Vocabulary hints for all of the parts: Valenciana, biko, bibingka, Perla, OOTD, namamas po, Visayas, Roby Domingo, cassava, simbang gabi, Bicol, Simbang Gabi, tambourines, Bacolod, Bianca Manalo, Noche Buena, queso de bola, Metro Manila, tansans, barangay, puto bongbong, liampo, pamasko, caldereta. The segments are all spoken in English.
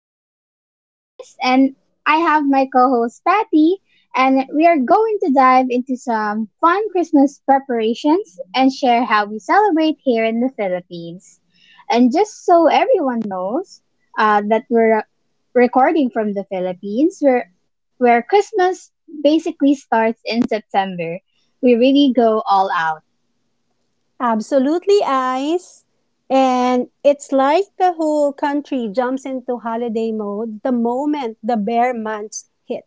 I'm your host, Ice, and I have my co host, Patty, and we are going to dive into some fun Christmas preparations and share how we celebrate here in the Philippines. And just so everyone knows that we're recording from the Philippines, where Christmas basically starts in September, we really go all out. Absolutely, Ice. And it's like the whole country jumps into holiday mode the moment the bear months hit.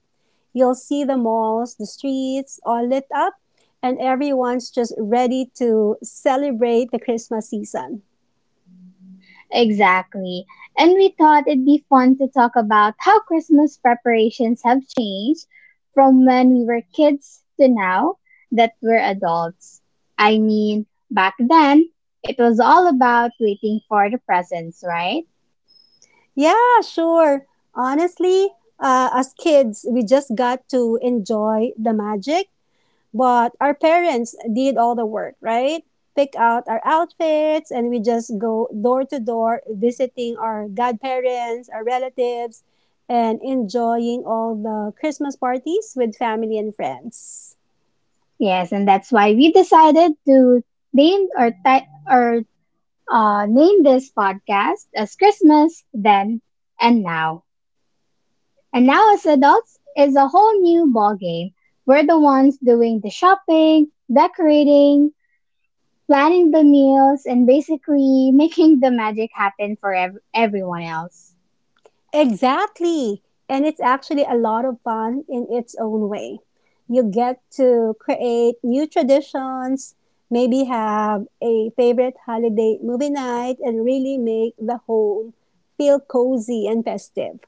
You'll see the malls, the streets all lit up, and everyone's just ready to celebrate the Christmas season. Exactly. And we thought it'd be fun to talk about how Christmas preparations have changed from when we were kids to now that we're adults. I mean, back then, it was all about waiting for the presents, right? Yeah, sure. Honestly, as kids, we just got to enjoy the magic. But our parents did all the work, right? Pick out our outfits and we just go door to door visiting our godparents, our relatives, and enjoying all the Christmas parties with family and friends. Yes, and that's why we decided to name or ti- or name this podcast as Christmas then and now. And now as adults is a whole new ballgame. We're the ones doing the shopping, decorating, planning the meals, and basically making the magic happen for everyone else. Exactly. And it's actually a lot of fun in its own way. You get to create new traditions, maybe have a favorite holiday movie night, and really make the home feel cozy and festive.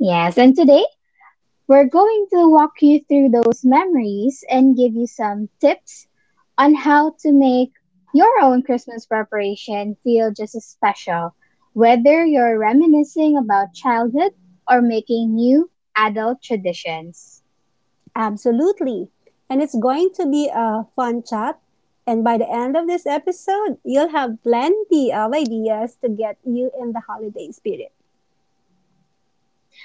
Yes, and today we're going to walk you through those memories and give you some tips on how to make your own Christmas preparation feel just as special, whether you're reminiscing about childhood or making new adult traditions. Absolutely. And it's going to be a fun chat. And by the end of this episode, you'll have plenty of ideas to get you in the holiday spirit.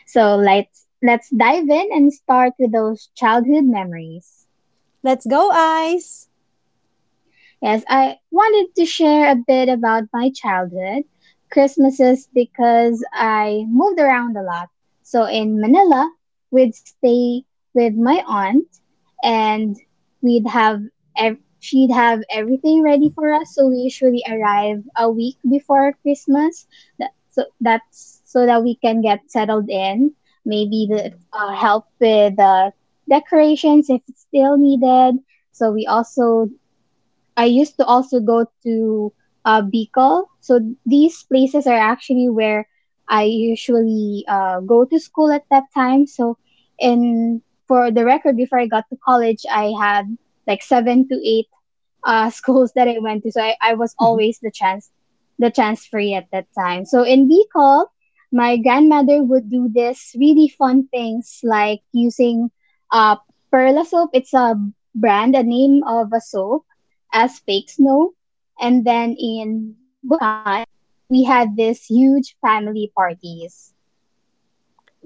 So let's dive in and start with those childhood memories. Let's go, Ice! Yes, I wanted to share a bit about my childhood Christmases because I moved around a lot. So in Manila, we'd stay with my aunt and we'd have she'd have everything ready for us, so we usually arrive a week before Christmas so that's so that we can get settled in, maybe help with the decorations if it's still needed. So we also I used to also go to Bicol. So these places are actually where I usually go to school at that time. So, in for the record, before I got to college, I had like seven to eight schools that I went to. So I was always the transferee at that time. So in Bicol, my grandmother would do this really fun things like using uh Perla soap. It's a brand, a name of a soap, as fake snow. And then in Bulacan, we had this huge family parties.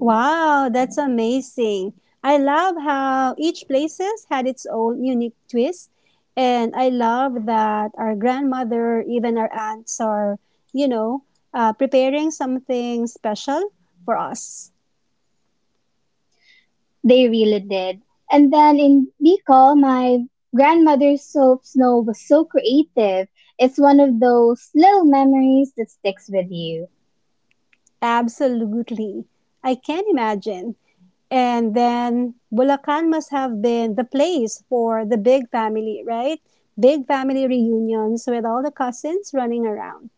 Wow, that's amazing. I love how each places had its own unique twist. And I love that our grandmother, even our aunts are, you know, preparing something special for us. They really did. And then in Bicol, my grandmother's soap snow was so creative. It's one of those little memories that sticks with you. Absolutely. I can imagine. And then Bulacan must have been the place for the big family, right? Big family reunions with all the cousins running around.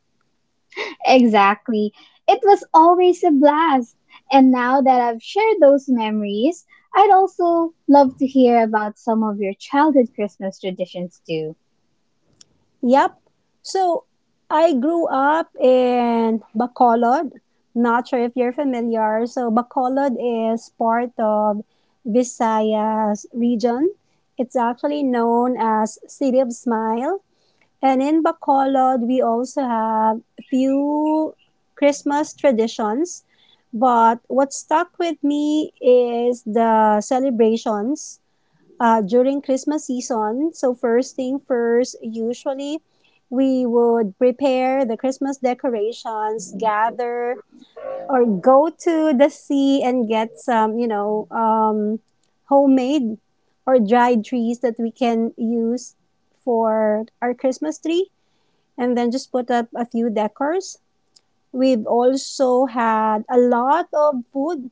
Exactly. It was always a blast. And now that I've shared those memories, I'd also love to hear about some of your childhood Christmas traditions too. Yep. So I grew up in Bacolod. Not sure if you're familiar. So Bacolod is part of Visayas region. It's actually known as City of Smile. And in Bacolod, we also have few Christmas traditions. But what stuck with me is the celebrations during Christmas season. So first thing first, usually we would prepare the Christmas decorations, gather or go to the sea and get some, homemade or dried trees that we can use for our Christmas tree, and then just put up a few decors. We've also had a lot of food.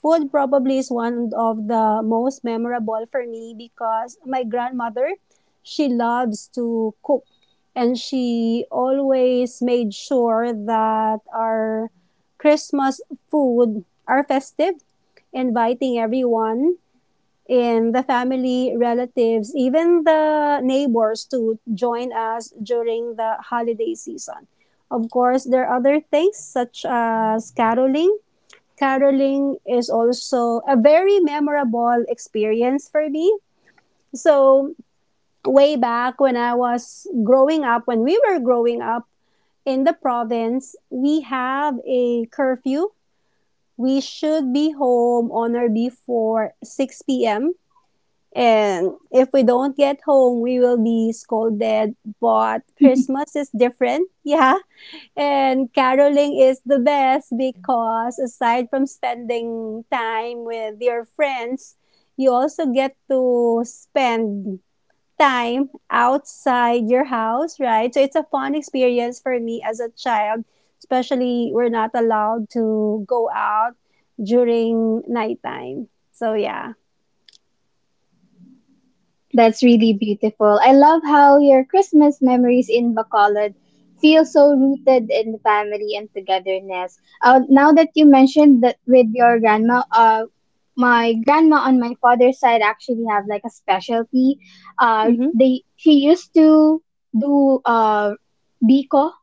Food probably is one of the most memorable for me because my grandmother, she loves to cook, and she always made sure that our Christmas food are festive, inviting everyone in the family, relatives, even the neighbors to join us during the holiday season. Of course, there are other things such as caroling. Caroling is also a very memorable experience for me. So, way back when I was growing up, when we were growing up in the province, we have a curfew. We should be home on or before 6 p.m. And if we don't get home, we will be scolded. But Christmas is different. Yeah. And caroling is the best because aside from spending time with your friends, you also get to spend time outside your house, right? So it's a fun experience for me as a child, especially we're not allowed to go out during nighttime. So yeah. That's really beautiful. I love how your Christmas memories in Bacolod feel so rooted in family and togetherness. Now that you mentioned that with your grandma, my grandma on my father's side actually have like a specialty. Mm-hmm. They She used to do biko,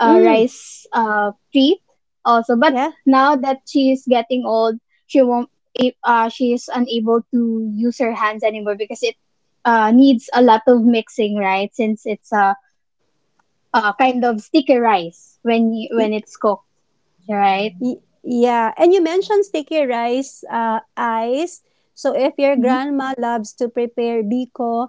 Mm, rice treat also. But yeah. now that she is getting old, she won't. She is unable to use her hands anymore because it needs a lot of mixing, right? Since it's a kind of sticky rice when when it's cooked, right? Yeah. And you mentioned sticky rice ice. So if your Mhm. grandma loves to prepare biko,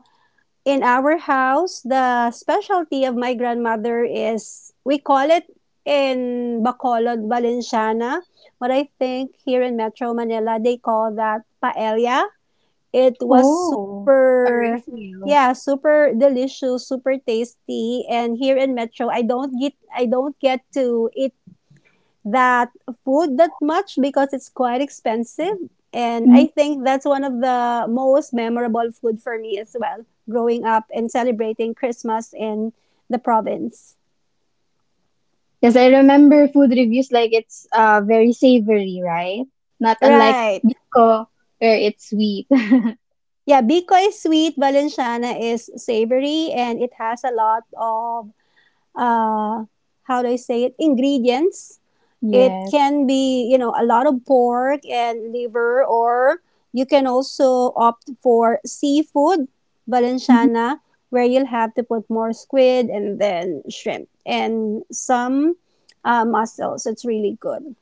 in our house, the specialty of my grandmother is, we call it in Bacolod, Valenciana. What I think here in Metro Manila, they call that paella. It was Oh, a super, rice meal. yeah, super delicious, super tasty. And here in Metro, I don't get to eat that food that much because it's quite expensive. And I think Mm. that's one of the most memorable food for me as well, growing up and celebrating Christmas in the province. Because I remember food reviews like it's very savory, right? Not unlike Right. Biko where it's sweet. Yeah, Bicol sweet, Valenciana is savory, and it has a lot of, uh, how do I say it, ingredients. It Yes. can be, you know, a lot of pork and liver, or you can also opt for seafood Mm-hmm. Valenciana, where you'll have to put more squid and then shrimp and some mussels. It's really good.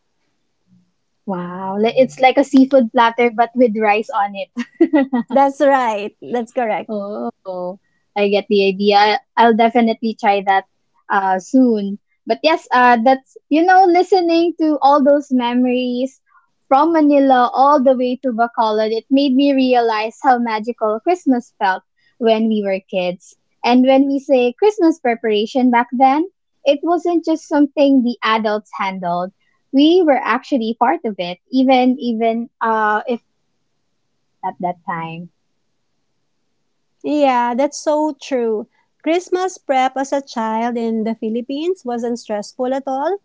Wow. It's like a seafood platter but with rice on it. That's right. That's correct. Oh, I get the idea. I'll definitely try that soon. But yes, that's, you know, listening to all those memories from Manila all the way to Bacolod, it made me realize how magical Christmas felt when we were kids. And when we say Christmas preparation back then, it wasn't just something the adults handled. We were actually part of it, even even if at that time. Yeah, that's so true. Christmas prep as a child in the Philippines wasn't stressful at all.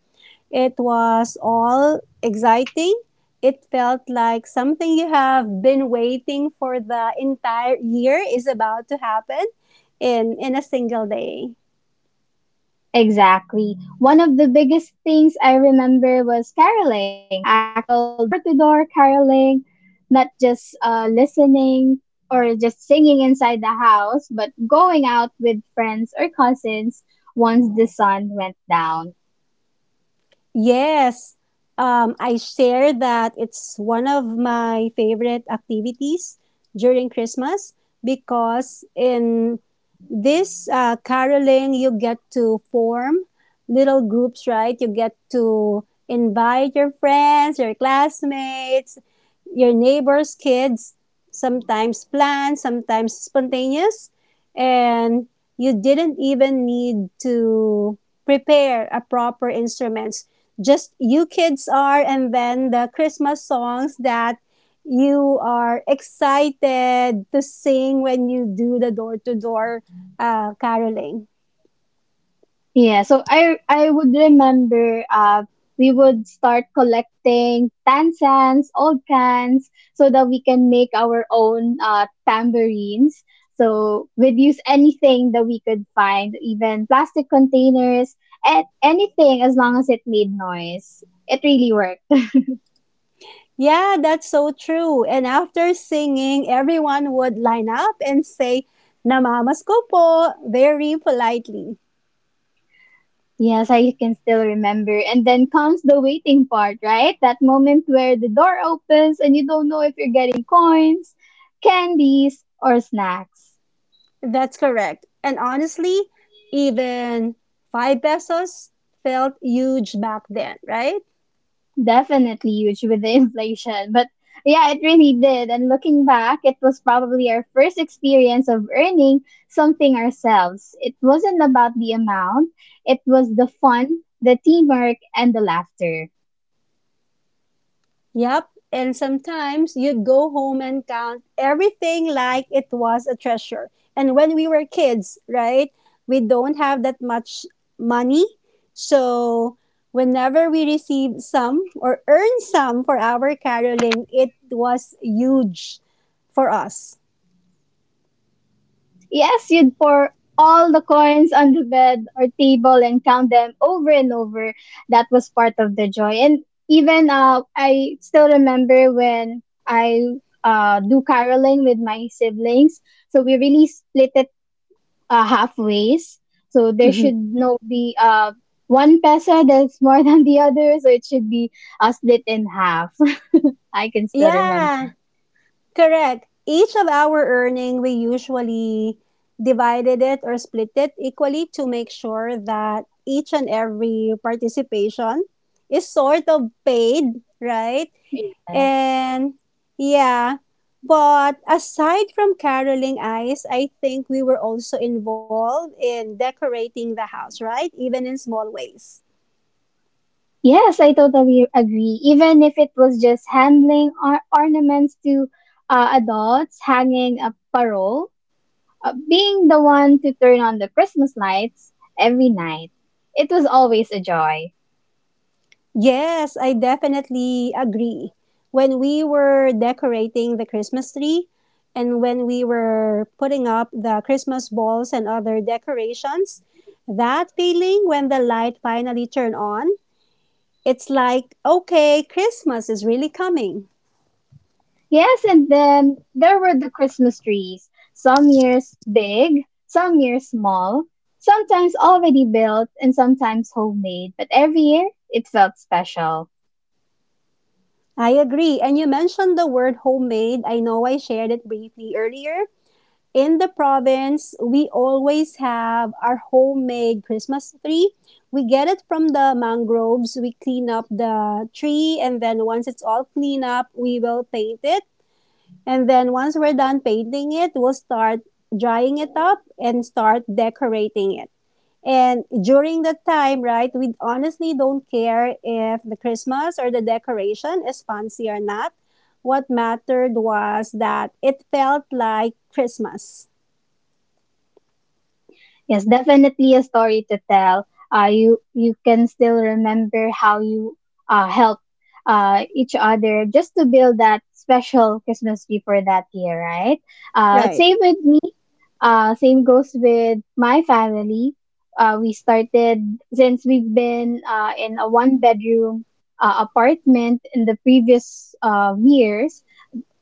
It was all exciting. It felt like something you have been waiting for the entire year is about to happen in a single day. Exactly. One of the biggest things I remember was caroling, actual door to door caroling, not just listening or just singing inside the house, but going out with friends or cousins once the sun went down. Yes. I share that it's one of my favorite activities during Christmas because in this caroling, you get to form little groups, right? You get to invite your friends, your classmates, your neighbors' kids, sometimes planned, sometimes spontaneous, and you didn't even need to prepare a proper instruments, just you kids are, and then the Christmas songs that you are excited to sing when you do the door to door caroling. Yeah, so I would remember we would start collecting tansans, old cans, so that we can make our own tambourines. So we'd use anything that we could find, even plastic containers, and anything as long as it made noise. It really worked. Yeah, that's so true. And after singing, everyone would line up and say namamas po very politely. Yes, I can still remember. And then comes the waiting part, right? That moment where the door opens and you don't know if you're getting coins, candies, or snacks. That's correct. And honestly, even 5 pesos felt huge back then, right? Definitely huge with the inflation. But yeah, it really did. And looking back, it was probably our first experience of earning something ourselves. It wasn't about the amount, it was the fun, the teamwork, and the laughter. Yep. And sometimes you'd go home and count everything like it was a treasure. And when we were kids, right, we don't have that much money. So whenever we received some or earned some for our caroling, it was huge for us. Yes, you'd pour all the coins on the bed or table and count them over and over. That was part of the joy. And even I still remember when I do caroling with my siblings. So we really split it halfways. So there should no be one peso that's more than the other. So it should be split in half. I can still Yeah. remember. Correct. Each of our earning, we usually divided it or split it equally to make sure that each and every participation is sort of paid, right? Yes. And yeah, but aside from caroling ice, I think we were also involved in decorating the house, right? Even in small ways. Yes, I totally agree. Even if it was just handling ornaments to adults, hanging a parole, being the one to turn on the Christmas lights every night, it was always a joy. Yes, I definitely agree. When we were decorating the Christmas tree and when we were putting up the Christmas balls and other decorations, that feeling when the light finally turned on, it's like, okay, Christmas is really coming. Yes, and then there were the Christmas trees. Some years big, some years small, sometimes already built, and sometimes homemade. But every year, it felt special. I agree. And you mentioned the word homemade. I know I shared it briefly earlier, in the province, we always have our homemade Christmas tree. We get it from the mangroves. We clean up the tree, and then once it's all cleaned up, we will paint it. And then once we're done painting it, we'll start drying it up and start decorating it. And during that time, right, we honestly don't care if the Christmas or the decoration is fancy or not. What mattered was that it felt like Christmas. Yes, definitely a story to tell. You can still remember how you helped each other just to build that special Christmas tree for that year, right? Right. Same with me. Same goes with my family. We started since we've been in a one bedroom apartment in the previous years.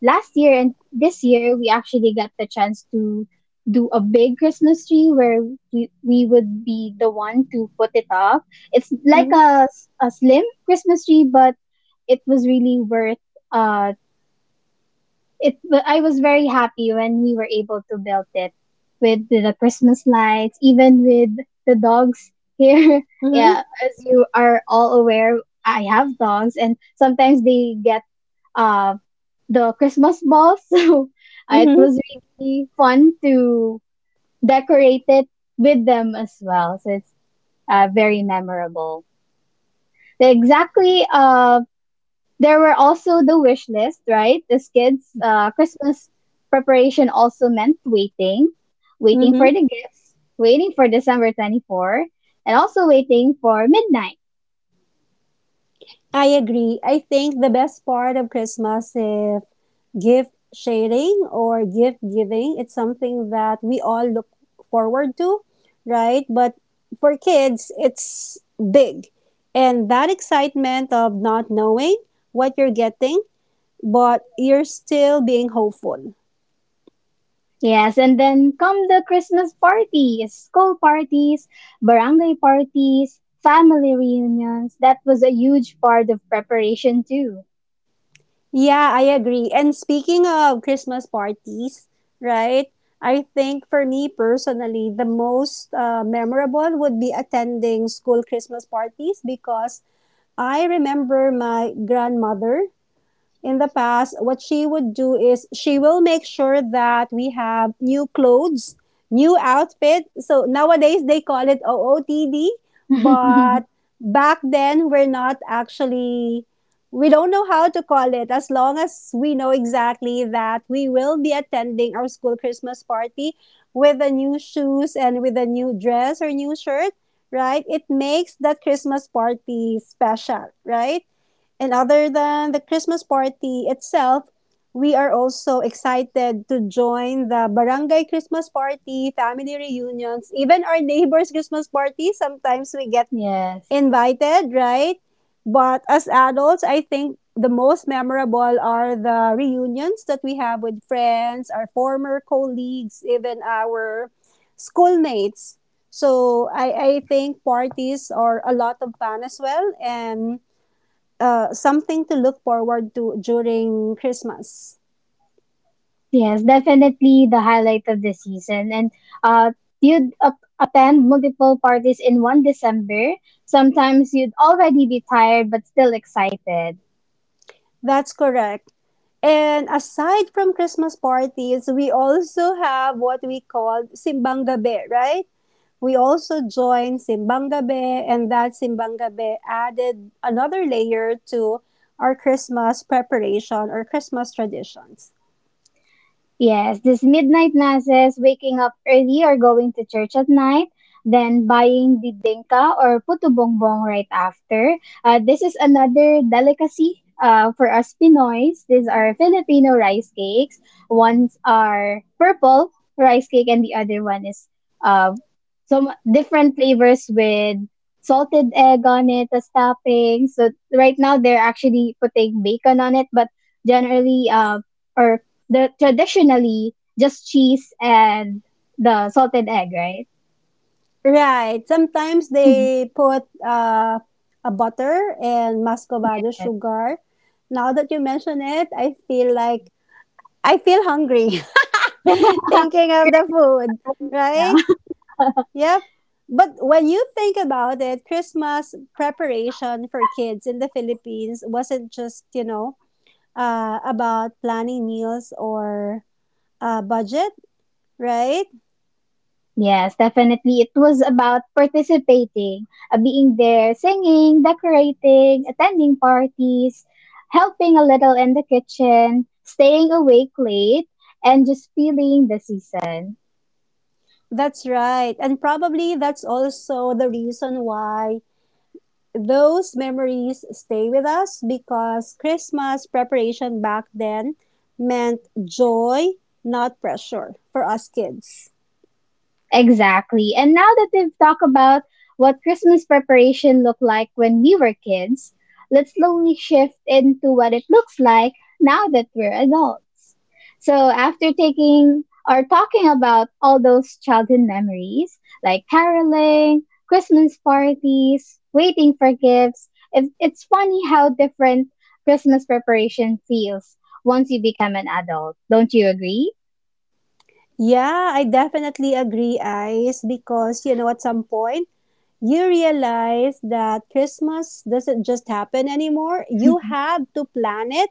Last year and this year we actually got the chance to do a big Christmas tree where we would be the one to put it up. It's like Mm-hmm. A slim Christmas tree, but it was really worth uh it. But I was very happy when we were able to build it with the Christmas lights, even with the dogs here. Mm-hmm. Yeah, as you are all aware, I have dogs and sometimes they get uh the Christmas ball. So it Mm-hmm. was really fun to decorate it with them as well. So it's very memorable. They exactly. There were also the wish list, right? As kids, Christmas preparation also meant waiting, waiting Mm-hmm. for the gifts, waiting for December 24th, and also waiting for midnight. I agree. I think the best part of Christmas is gift sharing or gift giving. It's something that we all look forward to, right? But for kids, it's big. And that excitement of not knowing what you're getting, but you're still being hopeful. Yes, and then come the Christmas parties, school parties, barangay parties, family reunions. That was a huge part of preparation too. Yeah, I agree. And speaking of Christmas parties, right? I think for me personally, the most memorable would be attending school Christmas parties because I remember my grandmother in the past, what she would do is she will make sure that we have new clothes, new outfit. So nowadays they call it OOTD, but back then we're not actually, we don't know how to call it, as long as we know exactly that we will be attending our school Christmas party with the new shoes and with a new dress or new shirt, right? It makes that Christmas party special, right? And other than the Christmas party itself, we are also excited to join the barangay Christmas party, family reunions, even our neighbors' Christmas party. Sometimes we get Yes. invited, right? But as adults, I think the most memorable are the reunions that we have with friends, our former colleagues, even our schoolmates. So I think parties are a lot of fun as well. And something to look forward to during Christmas. Yes, definitely the highlight of the season. And uh you'd attend multiple parties in one December. Sometimes you'd already be tired but still excited. That's correct. And aside from Christmas parties, we also have what we call Simbang Gabi, right? We also join Simbang Gabi, and that Simbang Gabi added another layer to our Christmas preparation or Christmas traditions. Yes, these midnight masses, waking up early or going to church at night, then buying bibingka or puto bongbong right after. This is another delicacy for us Pinoys. These are Filipino rice cakes. Ones are purple rice cake and the other one is uh, some different flavors with salted egg on it as topping. So right now they're actually putting bacon on it, but generally or the traditionally just cheese and the salted egg, right? Right. Sometimes they put a butter and muscovado Yes. sugar. Now that you mention it, I feel like I feel hungry thinking of the Craving food, for one right now. right? Yep. But when you think about it, Christmas preparation for kids in the Philippines wasn't just, about planning meals or budget, right? Yes, definitely. It was about participating, being there, singing, decorating, attending parties, helping a little in the kitchen, staying awake late, and just feeling the season. That's right. And probably that's also the reason why those memories stay with us because Christmas preparation back then meant joy, not pressure for us kids. Exactly. And now that we've talked about what Christmas preparation looked like when we were kids, let's slowly shift into what it looks like now that we're adults. So, after taking or talking about all those childhood memories like caroling, Christmas parties, waiting for gifts, it's funny how different Christmas preparation feels once you become an adult. Don't you agree? Yeah, I definitely agree, Ice, because you know, at some point, you realize that Christmas doesn't just happen anymore. You have to plan it.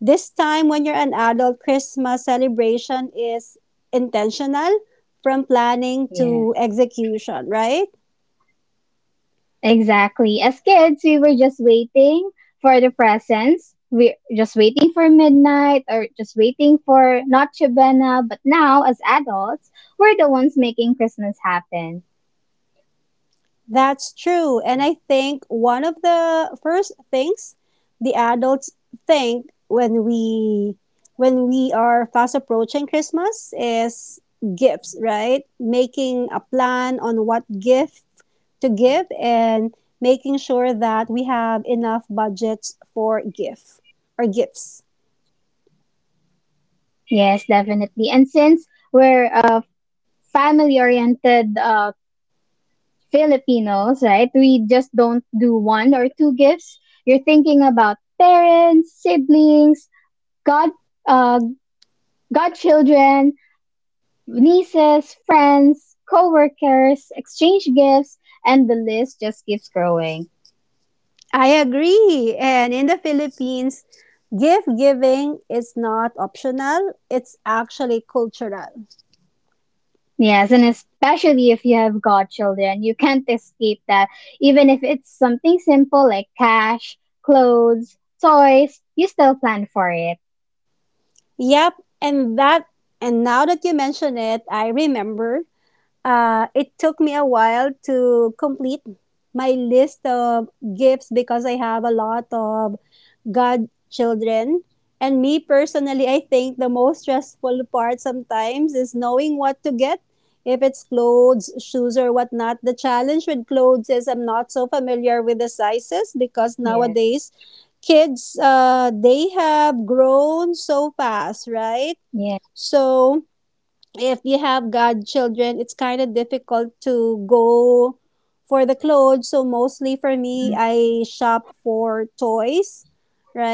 This time, when you're an adult, Christmas celebration is intentional from planning to Yes, execution, right? exactly. As kids, we were just waiting for the presents. We're just waiting for midnight or just waiting for Noche Buena. But now, as adults, we're the ones making Christmas happen. That's true. And I think one of the first things the adults think when we are fast approaching Christmas is gifts, right? Making a plan on what gift to give and making sure that we have enough budgets for gift or gifts. Yes, definitely. And since we're a family oriented Filipinos, right? We just don't do one or two gifts. You're thinking about parents, siblings, god, uh, godchildren, nieces, friends, coworkers, exchange gifts, and the list just keeps growing. I agree. And in the Philippines, gift giving is not optional, it's actually cultural. Yes, and especially if you have godchildren, you can't escape that. Even if it's something simple like cash, clothes, toys, you still plan for it. Yep, and that and now that you mention it, I remember. It took me a while to complete my list of gifts because I have a lot of godchildren. And me personally, I think the most stressful part sometimes is knowing what to get. If it's clothes, shoes, or whatnot, the challenge with clothes is I'm not so familiar with the sizes because Yes, nowadays kids, they have grown so fast, right? yes, So, if you have godchildren, it's kind of difficult to go for the clothes. So mostly for me, Mhm. I shop for toys,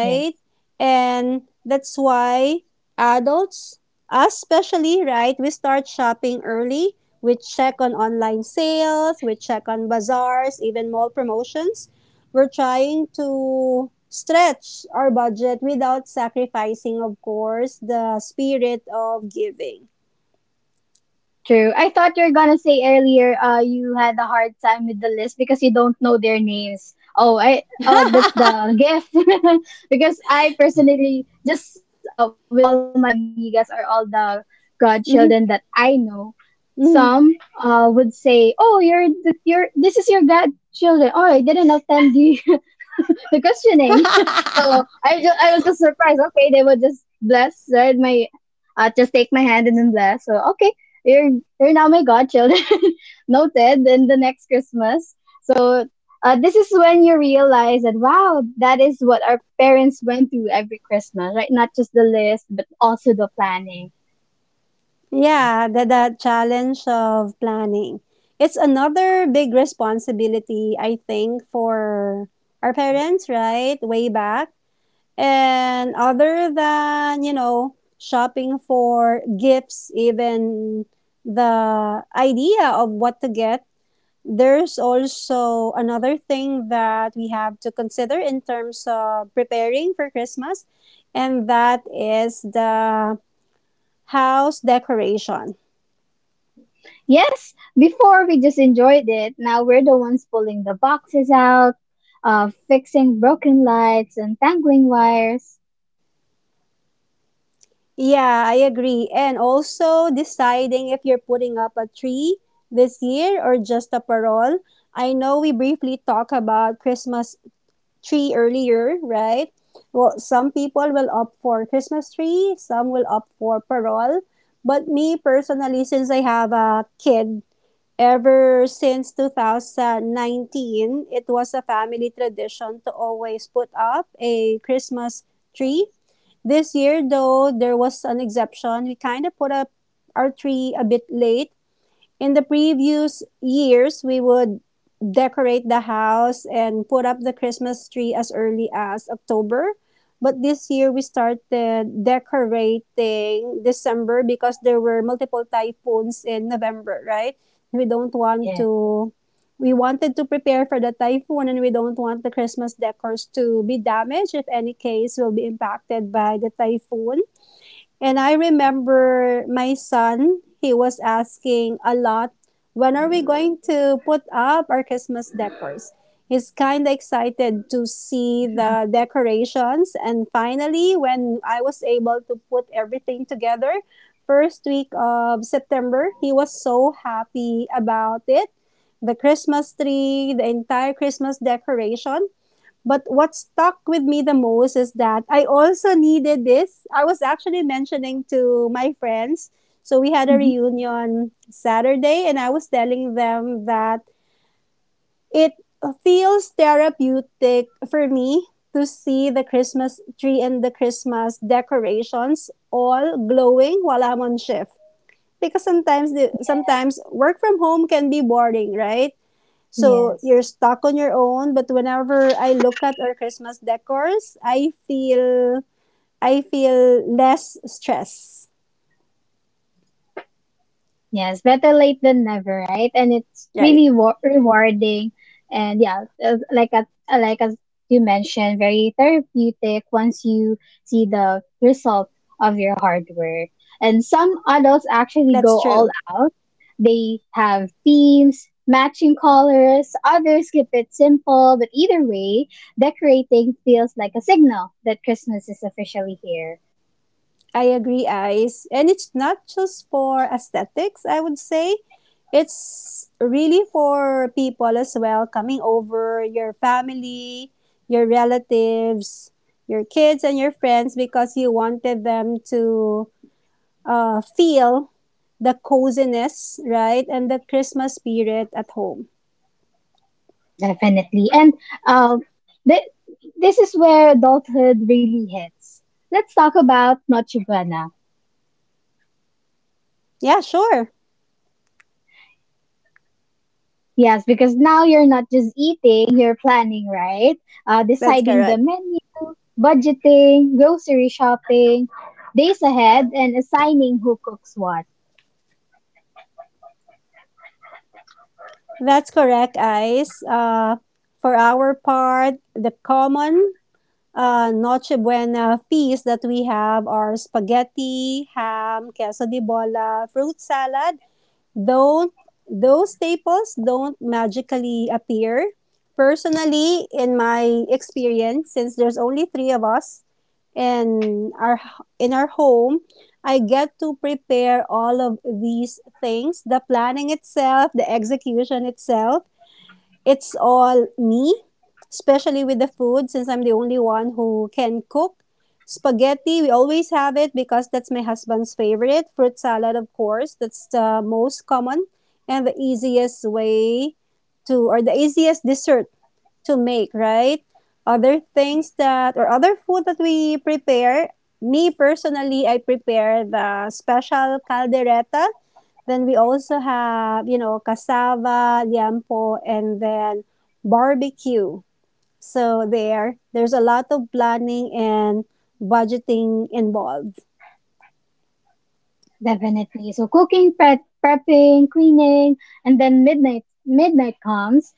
yes. And that's why adults, us especially, right, we start shopping early. We check on online sales, we check on bazaars, even mall promotions. We're trying to stretch our budget without sacrificing, of course, the spirit of giving. True. I thought you're gonna say earlier you had a hard time with the list because you don't know their names. Oh, I oh that's the gift. Because I personally just with all my amigas or all the godchildren Mm-hmm. that I know, Mhm. some would say, "Oh, you're this is your godchildren." Oh, I didn't attend you." The questioning. So I was just surprised. Okay, they were just bless, right? My just take my hand and then bless. So okay, you're you're now my godchildren. Noted. Then the next Christmas. So this is when you realize that wow, that is what our parents went through every Christmas, right? Not just the list, but also the planning. Yeah, the challenge of planning. It's another big responsibility, I think, for our parents, right? Way back. And other than, shopping for gifts, even the idea of what to get, there's also another thing that we have to consider in terms of preparing for Christmas, and that is the house decoration. Yes, before we just enjoyed it. Now we're the ones pulling the boxes out, fixing broken lights and tangling wires. Yeah, I agree. And also deciding if you're putting up a tree this year or just a parole. I know we briefly talked about Christmas tree earlier, right? Well, some people will opt for Christmas tree, some will opt for parole. But me personally, since I have a kid, ever since 2019, it was a family tradition to always put up a Christmas tree. This year, though, there was an exception. We kind of put up our tree a bit late. In the previous years, we would decorate the house and put up the Christmas tree as early as October. But this year, we started decorating December because there were multiple typhoons in November, right? We don't want Yes. to, we wanted to prepare for the typhoon and we don't want the Christmas decors to be damaged if any case will be impacted by the typhoon. And I remember my son, he was asking a lot, when are we going to put up our Christmas decors? He's kind of excited to see the Mhm, decorations. And finally, when I was able to put everything together, first week of September, he was so happy about it. The Christmas tree, the entire Christmas decoration. But what stuck with me the most is that I also needed this. I was actually mentioning to my friends. So we had a mhm. reunion Saturday, and I was telling them that it feels therapeutic for me to see the Christmas tree and the Christmas decorations all glowing while I'm on shift. Because sometimes, sometimes Yes, work from home can be boring, right? So yes, you're stuck on your own. But whenever I look at our Christmas decors, I feel less stress. yes. Better late than never, right? And it's Right. really rewarding, and yeah, like as you mentioned, very therapeutic once you see the result of your hard work. And some adults actually That's go all true. out. They have themes, matching colors. Others keep it simple, but either way, decorating feels like a signal that Christmas is officially here. I agree, eyes. And it's not just for aesthetics, I would say. It's really for people as well coming over, your family, your relatives, your kids and your friends because you wanted them to feel the coziness, right? And the Christmas spirit at home. Definitely. And um, th- this is where adulthood really hits. Let's talk about Noche Buena. Yeah, sure. Yes, because now you're not just eating, you're planning, right? That's Deciding the correct. menu, budgeting, grocery shopping, days ahead, and assigning who cooks what. That's correct, Ice. For our part, the common Noche Buena feast that we have are spaghetti, ham, queso de bola, fruit salad. Though those staples don't magically appear, personally, in my experience, since there's only three of us in our in our home, I get to prepare all of these things: the planning itself, the execution itself, it's all me, especially with the food, since I'm the only one who can cook. Spaghetti, we always have it because that's my husband's favorite. Fruit salad, of course, that's the most common and the easiest way to, or the easiest dessert to make, right? Other things Yes, that, or other food that we prepare, me personally, I prepare the special caldereta, then we also have, cassava, liampo, and then barbecue. So there's a lot of planning and budgeting involved. definitely. So cooking, prepping, cleaning, and then midnight comes.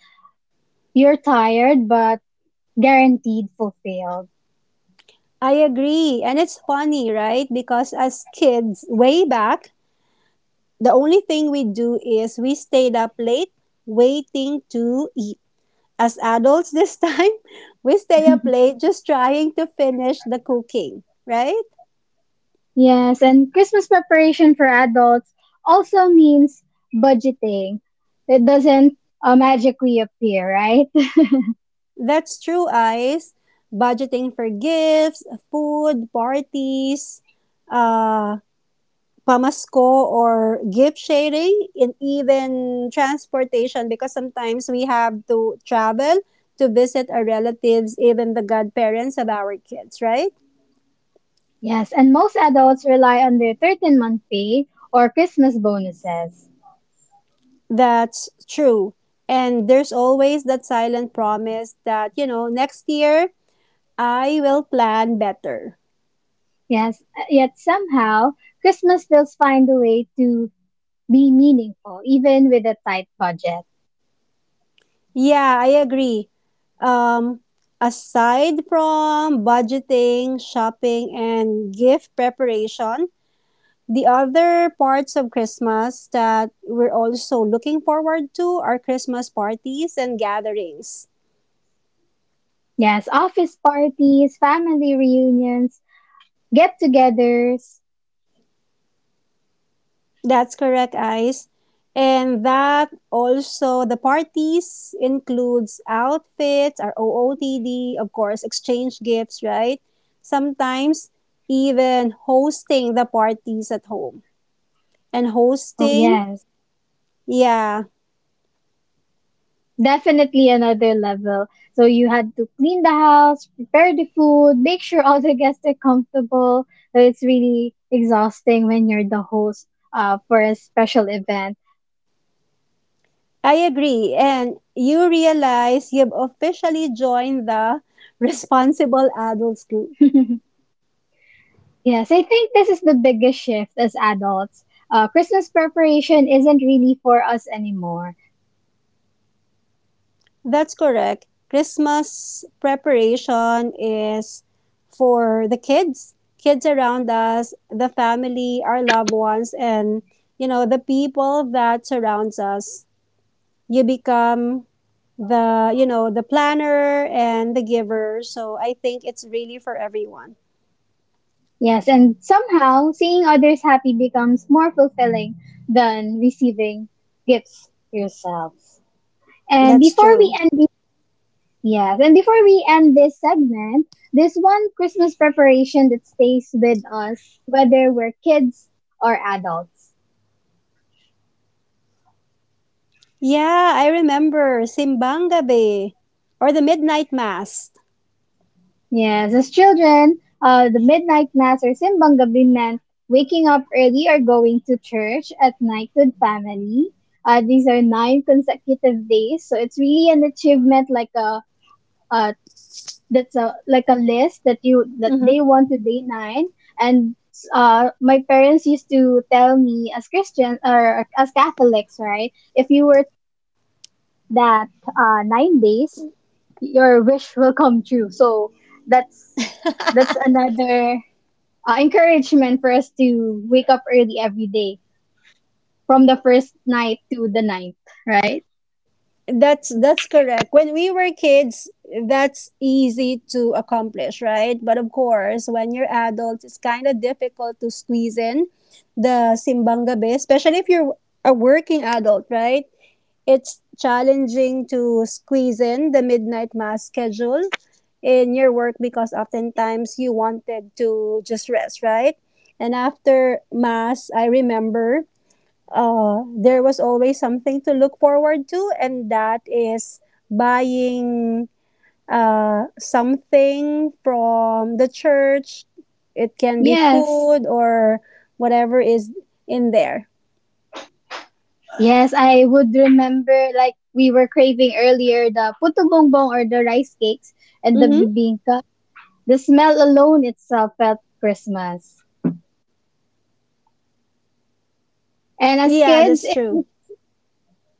You're tired, but guaranteed fulfilled. I agree. And it's funny, right? Because as kids, way back, the only thing we do is we stayed up late waiting to eat. As adults this time, we stay up late just trying to finish the cooking, right? Yes, and Christmas preparation for adults also means budgeting. It doesn't magically appear, right? That's true, Ice. Budgeting for gifts, food, parties, uh, pamasko or gift sharing, and even transportation because sometimes we have to travel to visit our relatives, even the godparents of our kids, right? Yes, and most adults rely on their 13-month month pay or Christmas bonuses. That's true. And there's always that silent promise that next year I will plan better. Yes, yet somehow Christmas still find a way to be meaningful even with a tight budget. Yeah, I agree. Um, Aside from budgeting, shopping, and gift preparation, the other parts of Christmas that we're also looking forward to are Christmas parties and gatherings. Yes, office parties, family reunions, get-togethers. That's correct, Ice. And that also, the parties includes outfits, our OOTD, of course, exchange gifts, right? Sometimes even hosting the parties at home. And Oh hosting. yes. Yeah, Definitely another level. So you had to clean the house, prepare the food, make sure all the guests are comfortable. So it's really exhausting when you're the host for a special event. I agree. And you realize you've officially joined the responsible adults group. Yes, I think this is the biggest shift as adults. Christmas preparation isn't really for us anymore. That's correct. Christmas preparation is for the kids, kids around us, the family, our loved ones, and the people that surrounds us. You become the planner and the giver. So I think it's really for everyone. Yes, and somehow seeing others happy becomes more fulfilling than receiving gifts yourselves. And That's before we true. end this. Yes, and before we end this segment, this one Christmas preparation that stays with us, whether we're kids or adults. Yeah, I remember Simbangabe or the Midnight Mass. Yes, as children, the midnight mass or simbang gabi meant waking up early or going to church at night with family. These are nine consecutive days, so it's really an achievement, like a, that's a, like a list that you that Hmm. they want to date nine, and my parents used to tell me, as Christian or as Catholics, right, if you were that 9 days, your wish will come true. So that's that's another encouragement for us to wake up early every day from the first night to the ninth, right? That's correct. When we were kids, that's easy to accomplish, right? But of course, when you're adults, it's kind of difficult to squeeze in the simbang gabi, especially if you're a working adult, right? It's challenging to squeeze in the midnight mass schedule in your work because oftentimes you wanted to just rest, right? And after mass, I remember there was always something to look forward to, and that is buying something from the church. It can be Yes. food or whatever is in there. Yes, I would remember, like we were craving earlier, the puto bongbong or the rice cakes and the Mm-hmm. bibingka. The smell alone itself felt Christmas. And as Yeah, kids, that's it true. was,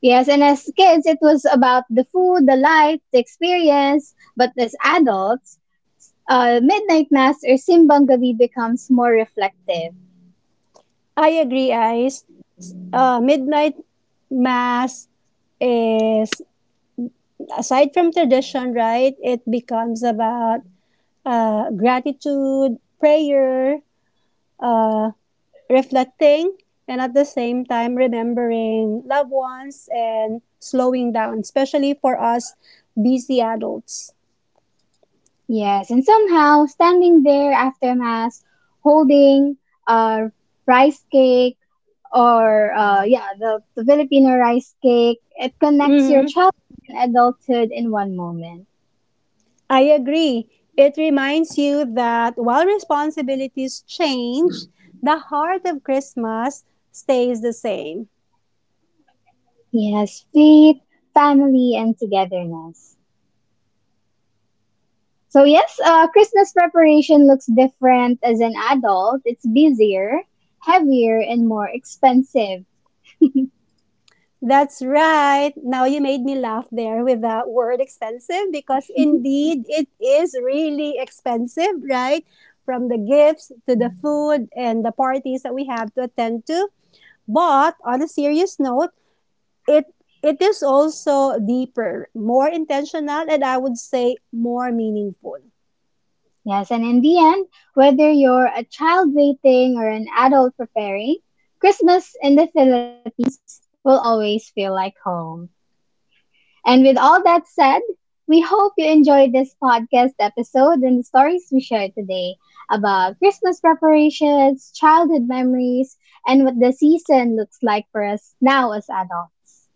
yes, and as kids it was about the food, the light, the experience. But as adults, midnight mass or simbang gabi becomes more reflective. I agree, Ice. Midnight mass is, aside from tradition, right, it becomes about gratitude, prayer, uh, reflecting, and at the same time remembering loved ones and slowing down, especially for us busy adults. Yes, and somehow standing there after mass, holding a rice cake, or yeah, the Filipino rice cake. It connects your Mhm. childhood and adulthood in one moment. I agree. It reminds you that while responsibilities change, the heart of Christmas stays the same. Yes, has faith, family, and togetherness. So yes, Christmas preparation looks different as an adult. It's busier, heavier, and more expensive. That's right. Now you made me laugh there with the word expensive because indeed it is really expensive, right? From the gifts to the food and the parties that we have to attend to. But on a serious note, it it is also deeper, more intentional, and I would say more meaningful. Yes, and in the end, whether you're a child waiting or an adult preparing, Christmas in the Philippines will always feel like home. And with all that said, we hope you enjoyed this podcast episode and the stories we shared today about Christmas preparations, childhood memories, and what the season looks like for us now as adults.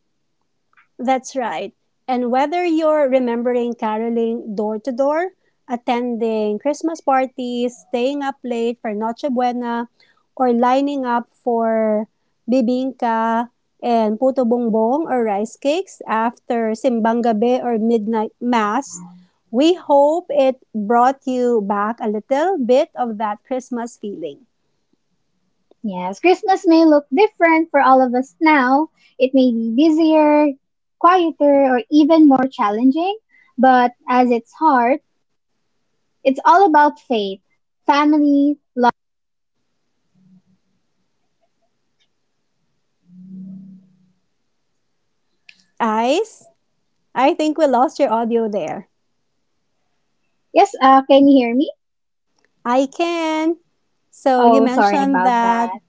That's right. And whether you're remembering caroling door to door, attending Christmas parties, staying up late for Noche Buena, or lining up for bibingka and puto bongbong or rice cakes after simbang gabi or midnight mass, we hope it brought you back a little bit of that Christmas feeling. Yes, Christmas may look different for all of us now. It may be busier, quieter, or even more challenging, but as its heart, it's all about faith, family. Ice, I think we lost your audio there. Yes, can you hear me? I can. So you Oh, sorry mentioned about that. that.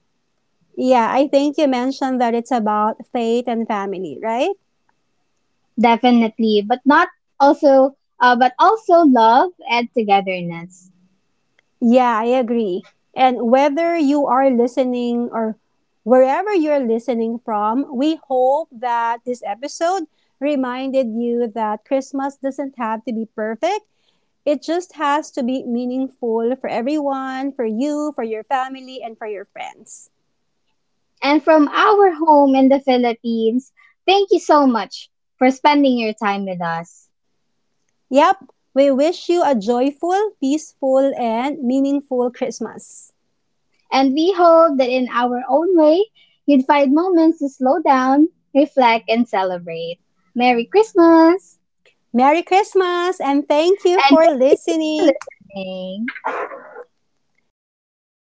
Yeah, I think you mentioned that it's about faith and family, right? Definitely, but not also, but also love and togetherness. Yeah, I agree. And whether you are listening or wherever you're listening from, we hope that this episode reminded you that Christmas doesn't have to be perfect. It just has to be meaningful for everyone, for you, for your family, and for your friends. And from our home in the Philippines, thank you so much for spending your time with us. Yep, we wish you a joyful, peaceful, and meaningful Christmas. And we hope that in our own way, you'd find moments to slow down, reflect, and celebrate. Merry Christmas! Merry Christmas and thank you And for thank you for listening. listening. Thanks, everyone.